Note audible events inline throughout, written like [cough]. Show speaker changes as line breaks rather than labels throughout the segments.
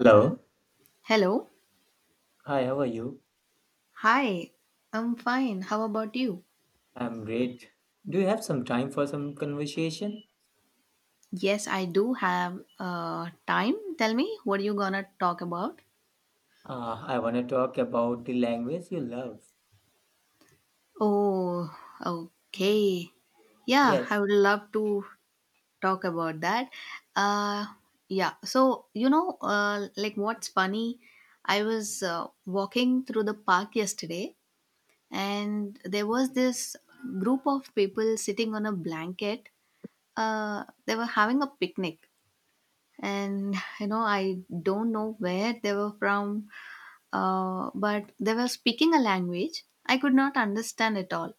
Hello.
Hello.
Hi, how are you?
Hi. I'm fine. How about you?
I'm great. Do you have some time for some conversation?
Yes, I do have time. Tell me, what are you gonna talk about?
I want to talk about the language you love.
Oh, okay. Yeah,
Yes.
I would love to talk about that. Uh, yeah. So like what's funny? I was walking through the park yesterday, and there was this group of people sitting on a blanket. They were having a picnic, and I don't know where they were from, but they were speaking a language I could not understand at all,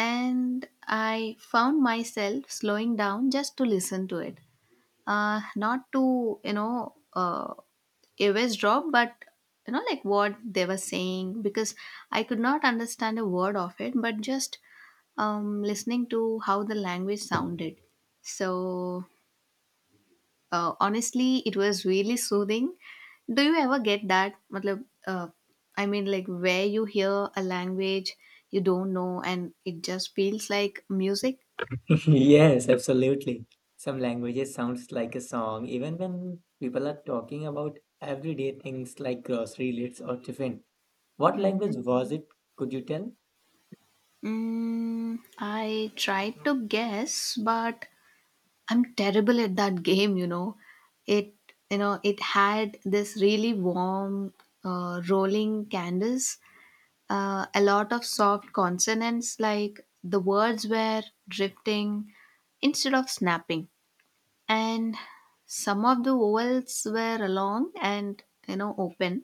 and I found myself slowing down just to listen to it, not to eavesdrop, but like what they were saying, because I could not understand a word of it, but just listening to how the language sounded. So honestly, it was really soothing. Do you ever get that? Matlab, like where you hear a language you don't know and it just feels like music?
[laughs] Yes, absolutely. Some languages sounds like a song, even when people are talking about everyday things like grocery lists or tiffin. What language
hmm
was it? Could you tell?
Mm, I tried to guess, but I'm terrible at that [laughs] game. It, it had this really warm, rolling canvas, a lot of soft consonants, like the words were drifting instead of snapping, and some of the vowels were long and open.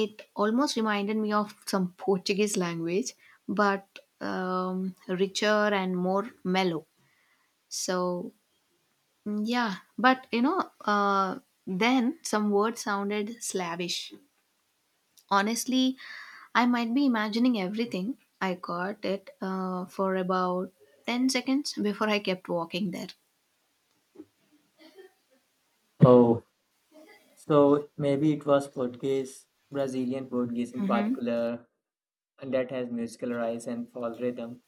It almost reminded me of some [laughs] Portuguese language, but richer and more mellow. So yeah, but then some words sounded slavish. Honestly, I might be imagining everything. I caught it for about 10 seconds before I kept walking there.
Oh, so maybe it was Portuguese, Brazilian Portuguese in
Mm-hmm.
particular, and that has musical rise and fall rhythm.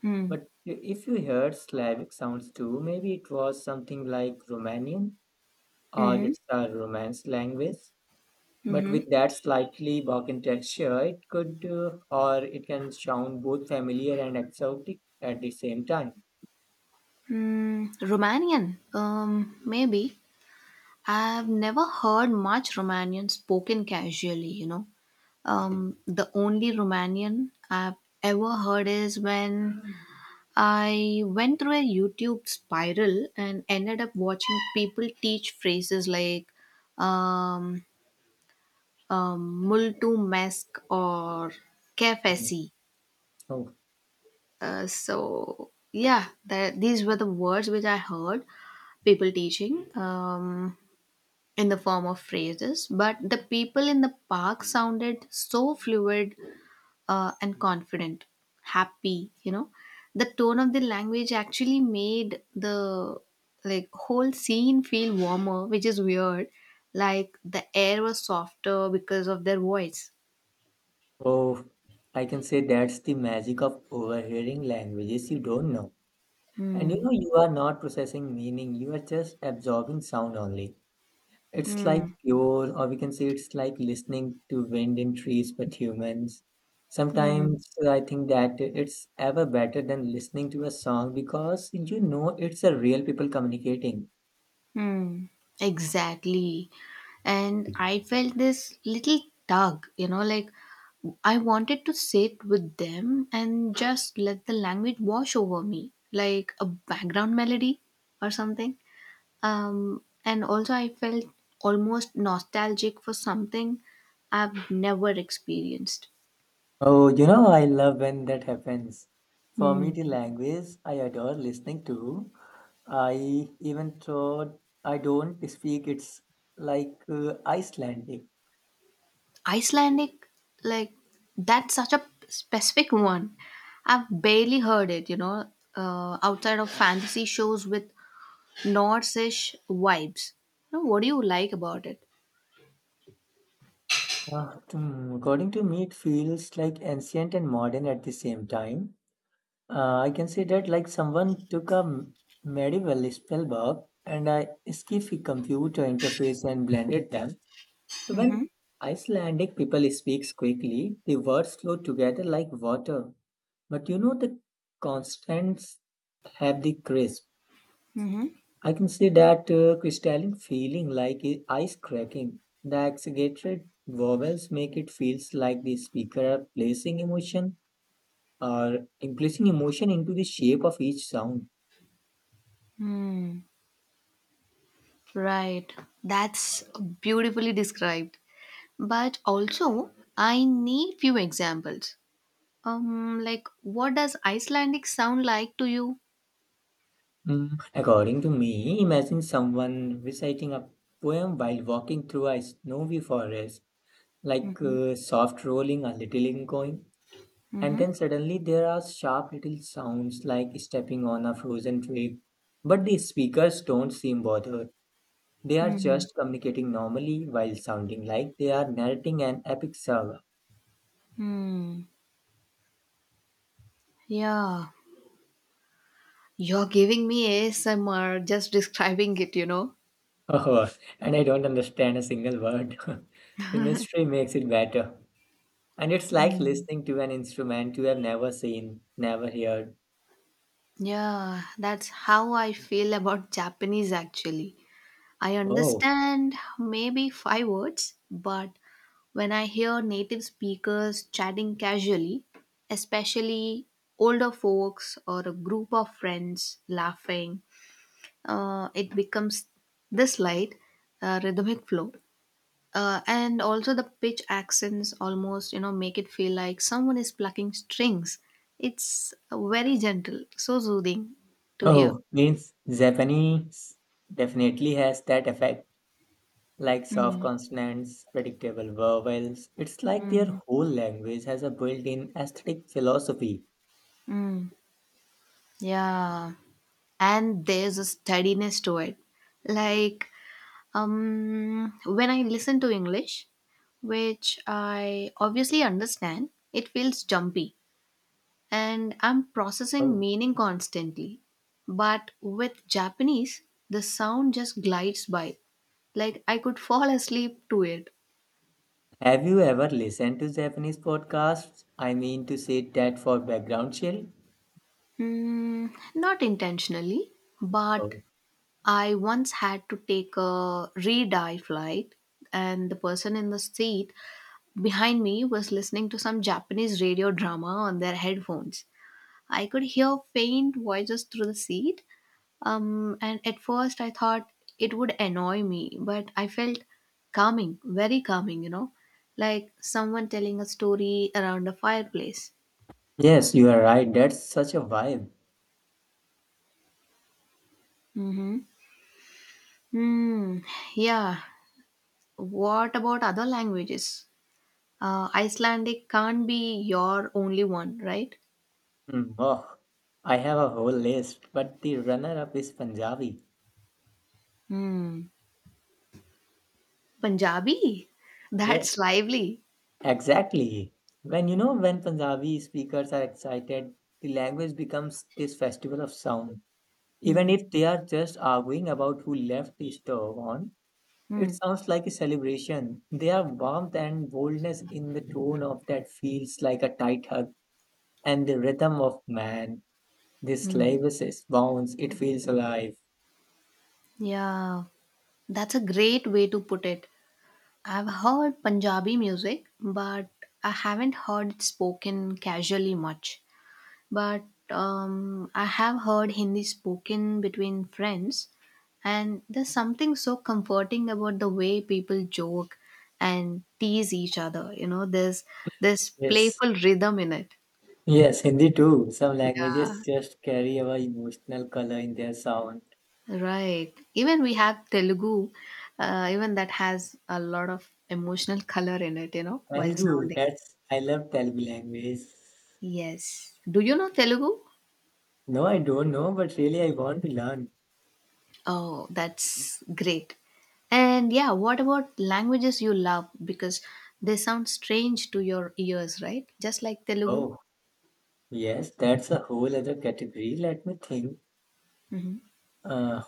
Hmm.
But if you heard Slavic sounds too, maybe it was something like Romanian or
Mm-hmm.
it's a Romance language. But
Mm-hmm.
with that slightly Balkan texture, it could or it can sound both familiar and exotic at the same time.
Mm, Romanian. Maybe. I've never heard much Romanian spoken casually. The only Romanian I've ever heard is when I went through a YouTube spiral and ended up watching people teach phrases like um, multu mesk or
Mm.
kefesi.
Oh,
So, yeah, that, these were the words which I heard people teaching in the form of phrases. But the people in the park sounded so fluid, and confident, happy. The tone of the language actually made the like whole scene feel warmer, which is weird. Like the air was softer because of their voice.
oh, I can say that's the magic of overhearing languages you don't know. And
Hmm.
you are not processing meaning, you are just absorbing sound only. It's like
Hmm.
pure, or we can say it's like listening to wind in trees, but humans.
Hmm.
Sometimes I think that it's ever better than listening to a song because it's a real people communicating.
Hmm. Exactly. And I felt this little tug, like I wanted to sit with them and just let the language wash over me, like a background melody or something. And also, I felt almost nostalgic for something I've never experienced.
Oh, I love when that happens. For me, the
Hmm.
language I adore listening to, I even though I don't speak, it's like Icelandic.
Icelandic, like that's such a specific one. I've barely heard it, outside of fantasy shows with Norse-ish vibes. You know what do you like about it?
According to me, it feels like ancient and modern at the same time. I can say that like someone took a medieval spell book and a skiffy computer interface and blended them. So
Mm-hmm.
when Icelandic people speaks quickly, the words flow together like water. But the constants have the crisp.
Mm-hmm.
I can see that crystalline feeling like ice cracking. The exaggerated vowels make it feels like the speaker are placing emotion or placing emotion into the shape of each sound.
Hmm. Right, that's beautifully described. But also, I need few examples. Like, what does Icelandic sound like to you?
According to me, imagine someone reciting a poem while walking through a snowy forest, like soft rolling, a little echoing, and then suddenly there are sharp little sounds like stepping on a frozen twig. But the speakers don't seem bothered. They are
Hmm.
just communicating normally while sounding like they are narrating an epic saga. [laughs]
Hmm. Yeah. You're giving me ASMR just [laughs] describing it?
Oh, and I don't understand a single word. [laughs] The mystery makes it better. And it's like
Hmm.
listening to an instrument you have never seen, never heard.
Yeah, that's how I feel about Japanese actually. I
Oh,
understand maybe five words, but when I hear native speakers chatting casually, especially older folks or a group of friends laughing, it becomes this light, rhythmic flow, and also the pitch accents almost make it feel like someone is plucking strings. It's very gentle, so soothing to hear.
oh, means Japanese definitely has that effect. Like soft
Hmm.
consonants, predictable vowels. It's like
Hmm.
their whole language has a built in aesthetic philosophy.
Mm. Yeah. And there's a steadiness to it. Like, when I listen to English, which I obviously understand, it feels jumpy, and I'm processing
Oh,
meaning constantly. But with Japanese, the sound just glides by. Like I could fall asleep to it.
have you ever listened to Japanese podcasts? I mean, to say that for background chill?
Hmm, not intentionally, but
Oh,
I once had to take a red eye flight, and the person in the seat behind me was listening to some Japanese radio drama on their headphones. I could hear faint voices through the seat. And at first, I thought it would annoy me, but I felt calming, very calming, like someone telling a story around a fireplace.
yes, you are right. That's such a vibe.
Mm-hmm. Hmm, yeah. What about other languages? Icelandic can't be your only one, right?
Hmm, oh, I have a whole list, but the runner up is Punjabi.
Hmm. Punjabi? [laughs] That's
Yes,
lively.
exactly. When you know when Punjabi speakers are excited, the language becomes this festival of sound. Even
Hmm.
if they are just arguing about who left the stove on, it
Mm.
sounds like a celebration. There are warmth and boldness in the tone of that feels like a tight hug and the rhythm of man. This
Hmm.
slavers is bounce, it feels alive.
Yeah, that's a great way to put it. I've heard Punjabi music, but I haven't heard it spoken casually much. But I have heard Hindi spoken between friends, and there's something so comforting about the way people joke and tease each other. You know, there's this
Yes.
playful rhythm in it.
Yes, Hindi too. Some
Yeah,
languages just carry a emotional color in their sound.
right. Even we have Telugu, even that has a lot of emotional color in it, you know, while
Telugu,
sounding.
that's I love Telugu language.
Yes. Do you know Telugu?
No, I don't know, but really I want to learn.
Oh, that's great. And yeah, what about languages you love? Because they sound strange to your ears, right? Just like Telugu.
Oh, yes, that's a whole other category. Let me think.
Mhm.
Uh,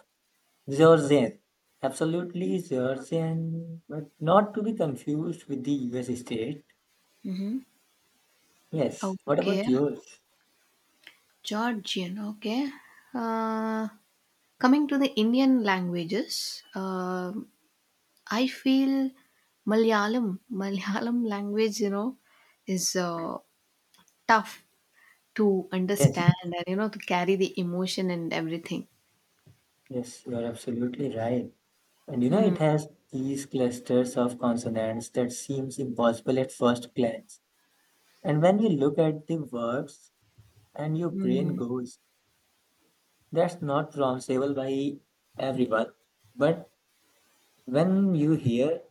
Georgian, absolutely Georgian, but not to be confused with the US state. Yes. What
Okay,
about yours?
Georgian. Okay. Uh, Coming to the Indian languages, I feel Malayalam, [laughs] Malayalam language, is tough to
Yes,
understand and you know to carry the emotion and everything.
yes, you're absolutely right. And
Hmm.
it has these clusters of consonants that seems impossible at first glance. And when you look at the words, and your brain
Hmm.
goes, that's not pronounceable by everyone, but when you hear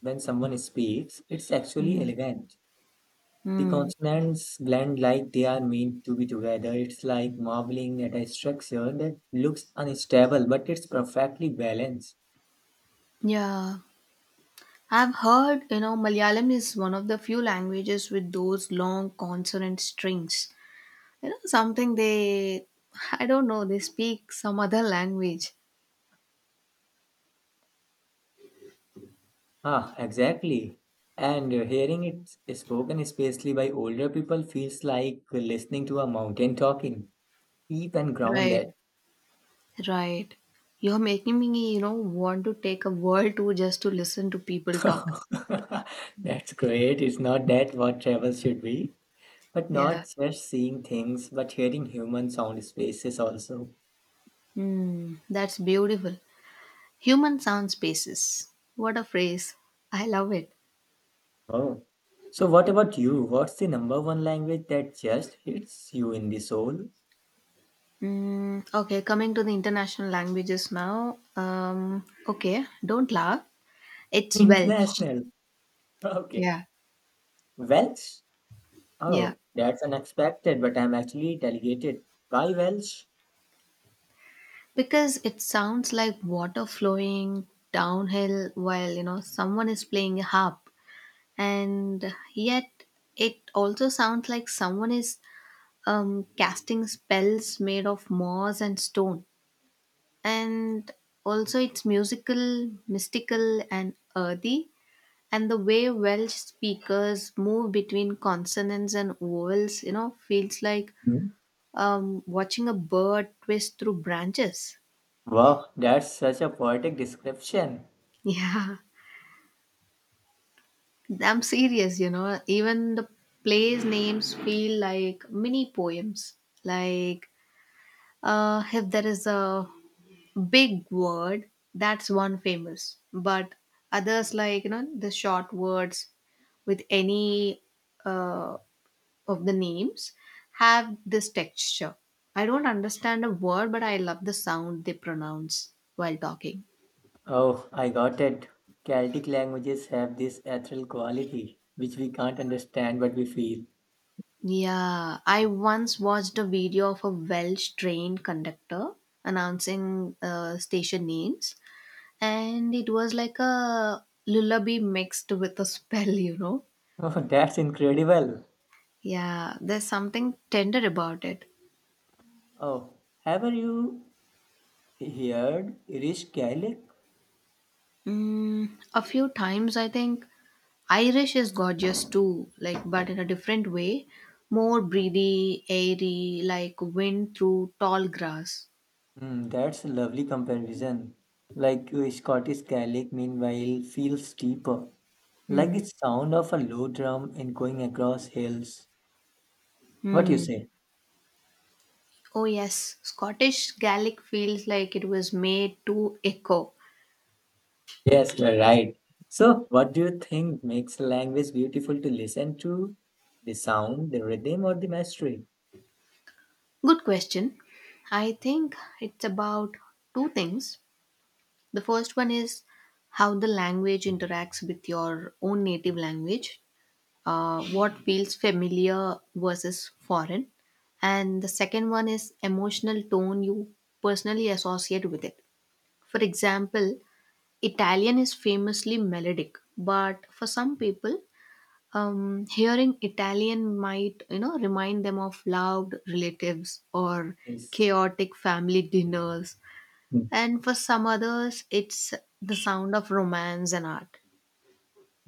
when someone speaks, it's actually
Hmm.
elegant. The
Hmm.
consonants blend like they are meant to be together. It's like marveling at a structure that looks unstable, but it's perfectly balanced.
Yeah, I've heard, you know, Malayalam is one of the few languages with those long consonant strings. You know, something they, I don't know, they speak some other language.
Ah, exactly. And hearing it spoken, especially by older people, feels like listening to a mountain talking, deep and
Right,
grounded.
right. You're making me, want to take a world tour just to listen to people talk.
[laughs] That's great. It's not that what travel should be, but
Yeah.
not just seeing things, but hearing human sound spaces also.
Hmm, that's beautiful. Human sound spaces. What a phrase. I love it.
Oh. So what about you? What's the number one language that just hits you in the soul?
Mm, okay, coming to the international languages now. Okay, don't laugh.
[laughs]
It's Welsh.
International. Okay.
Yeah,
Welsh?
yeah.
Oh, that's unexpected, but I'm actually delegated by Welsh.
Because it sounds like water flowing downhill while, you know, someone is playing a harp. And yet, it also sounds like someone is casting spells made of moss and stone. And also, it's musical, mystical, and earthy. And the way Welsh speakers move between consonants and vowels, you know, feels like
Hmm.
watching a bird twist through branches. [laughs]
Wow, that's such a poetic description.
Yeah, I'm serious, you know. Even the plays names feel like mini poems. Like, if there is a big word, that's one famous. But others, like, you know, the short words with any uh, of the names, have this texture. I don't understand a word, but I love the sound they pronounce while talking.
Oh, I got it. Celtic languages have this ethereal quality, which we can't understand but we feel.
Yeah, I once watched a video of a Welsh train conductor announcing station names, and it was like a lullaby mixed with a spell, [laughs] you know?
[laughs] Oh, that's incredible.
Yeah, there's something tender about it.
Oh, have you heard Irish Gaelic?
Mm, a few times, I think Irish is gorgeous too, like, but in a different way, more breathy, airy, like wind through tall grass.
Hmm, that's a lovely comparison. Like Scottish Gaelic, meanwhile, feels deeper, like
Hmm.
the sound of a low drum and going across hills. What you
Hmm.
say?
Oh, yes, Scottish Gaelic feels like it was made to echo.
Yes, you're right. So, what do you think makes a language beautiful to listen to? The sound, the rhythm, or the mastery?
Good question. I think it's about two things. The first one is how the language interacts with your own native language, what feels familiar versus foreign. And the second one is emotional tone you personally associate with it. For example, Italian is famously melodic, but for some people, hearing Italian might, you know, remind them of loved relatives or
Yes.
chaotic family dinners.
Mm,
And for some others, it's the sound of romance and art.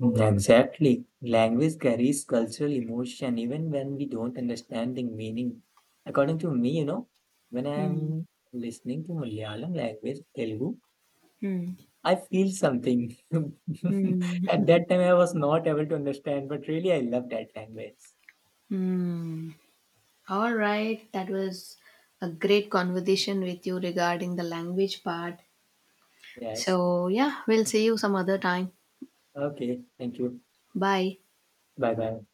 mm, exactly. Language carries cultural emotion even when we don't understand the meaning. According to me, when
Hmm.
I'm listening to Malayalam language, Telugu,
Hmm.
I feel something. [laughs]
Hmm.
At that time, I was not able to understand, but really, I love that language.
Hmm. All right. That was a great conversation with you regarding the language part.
Yes.
So, yeah, we'll see you some other time.
Okay. Thank you.
Bye.
Bye bye.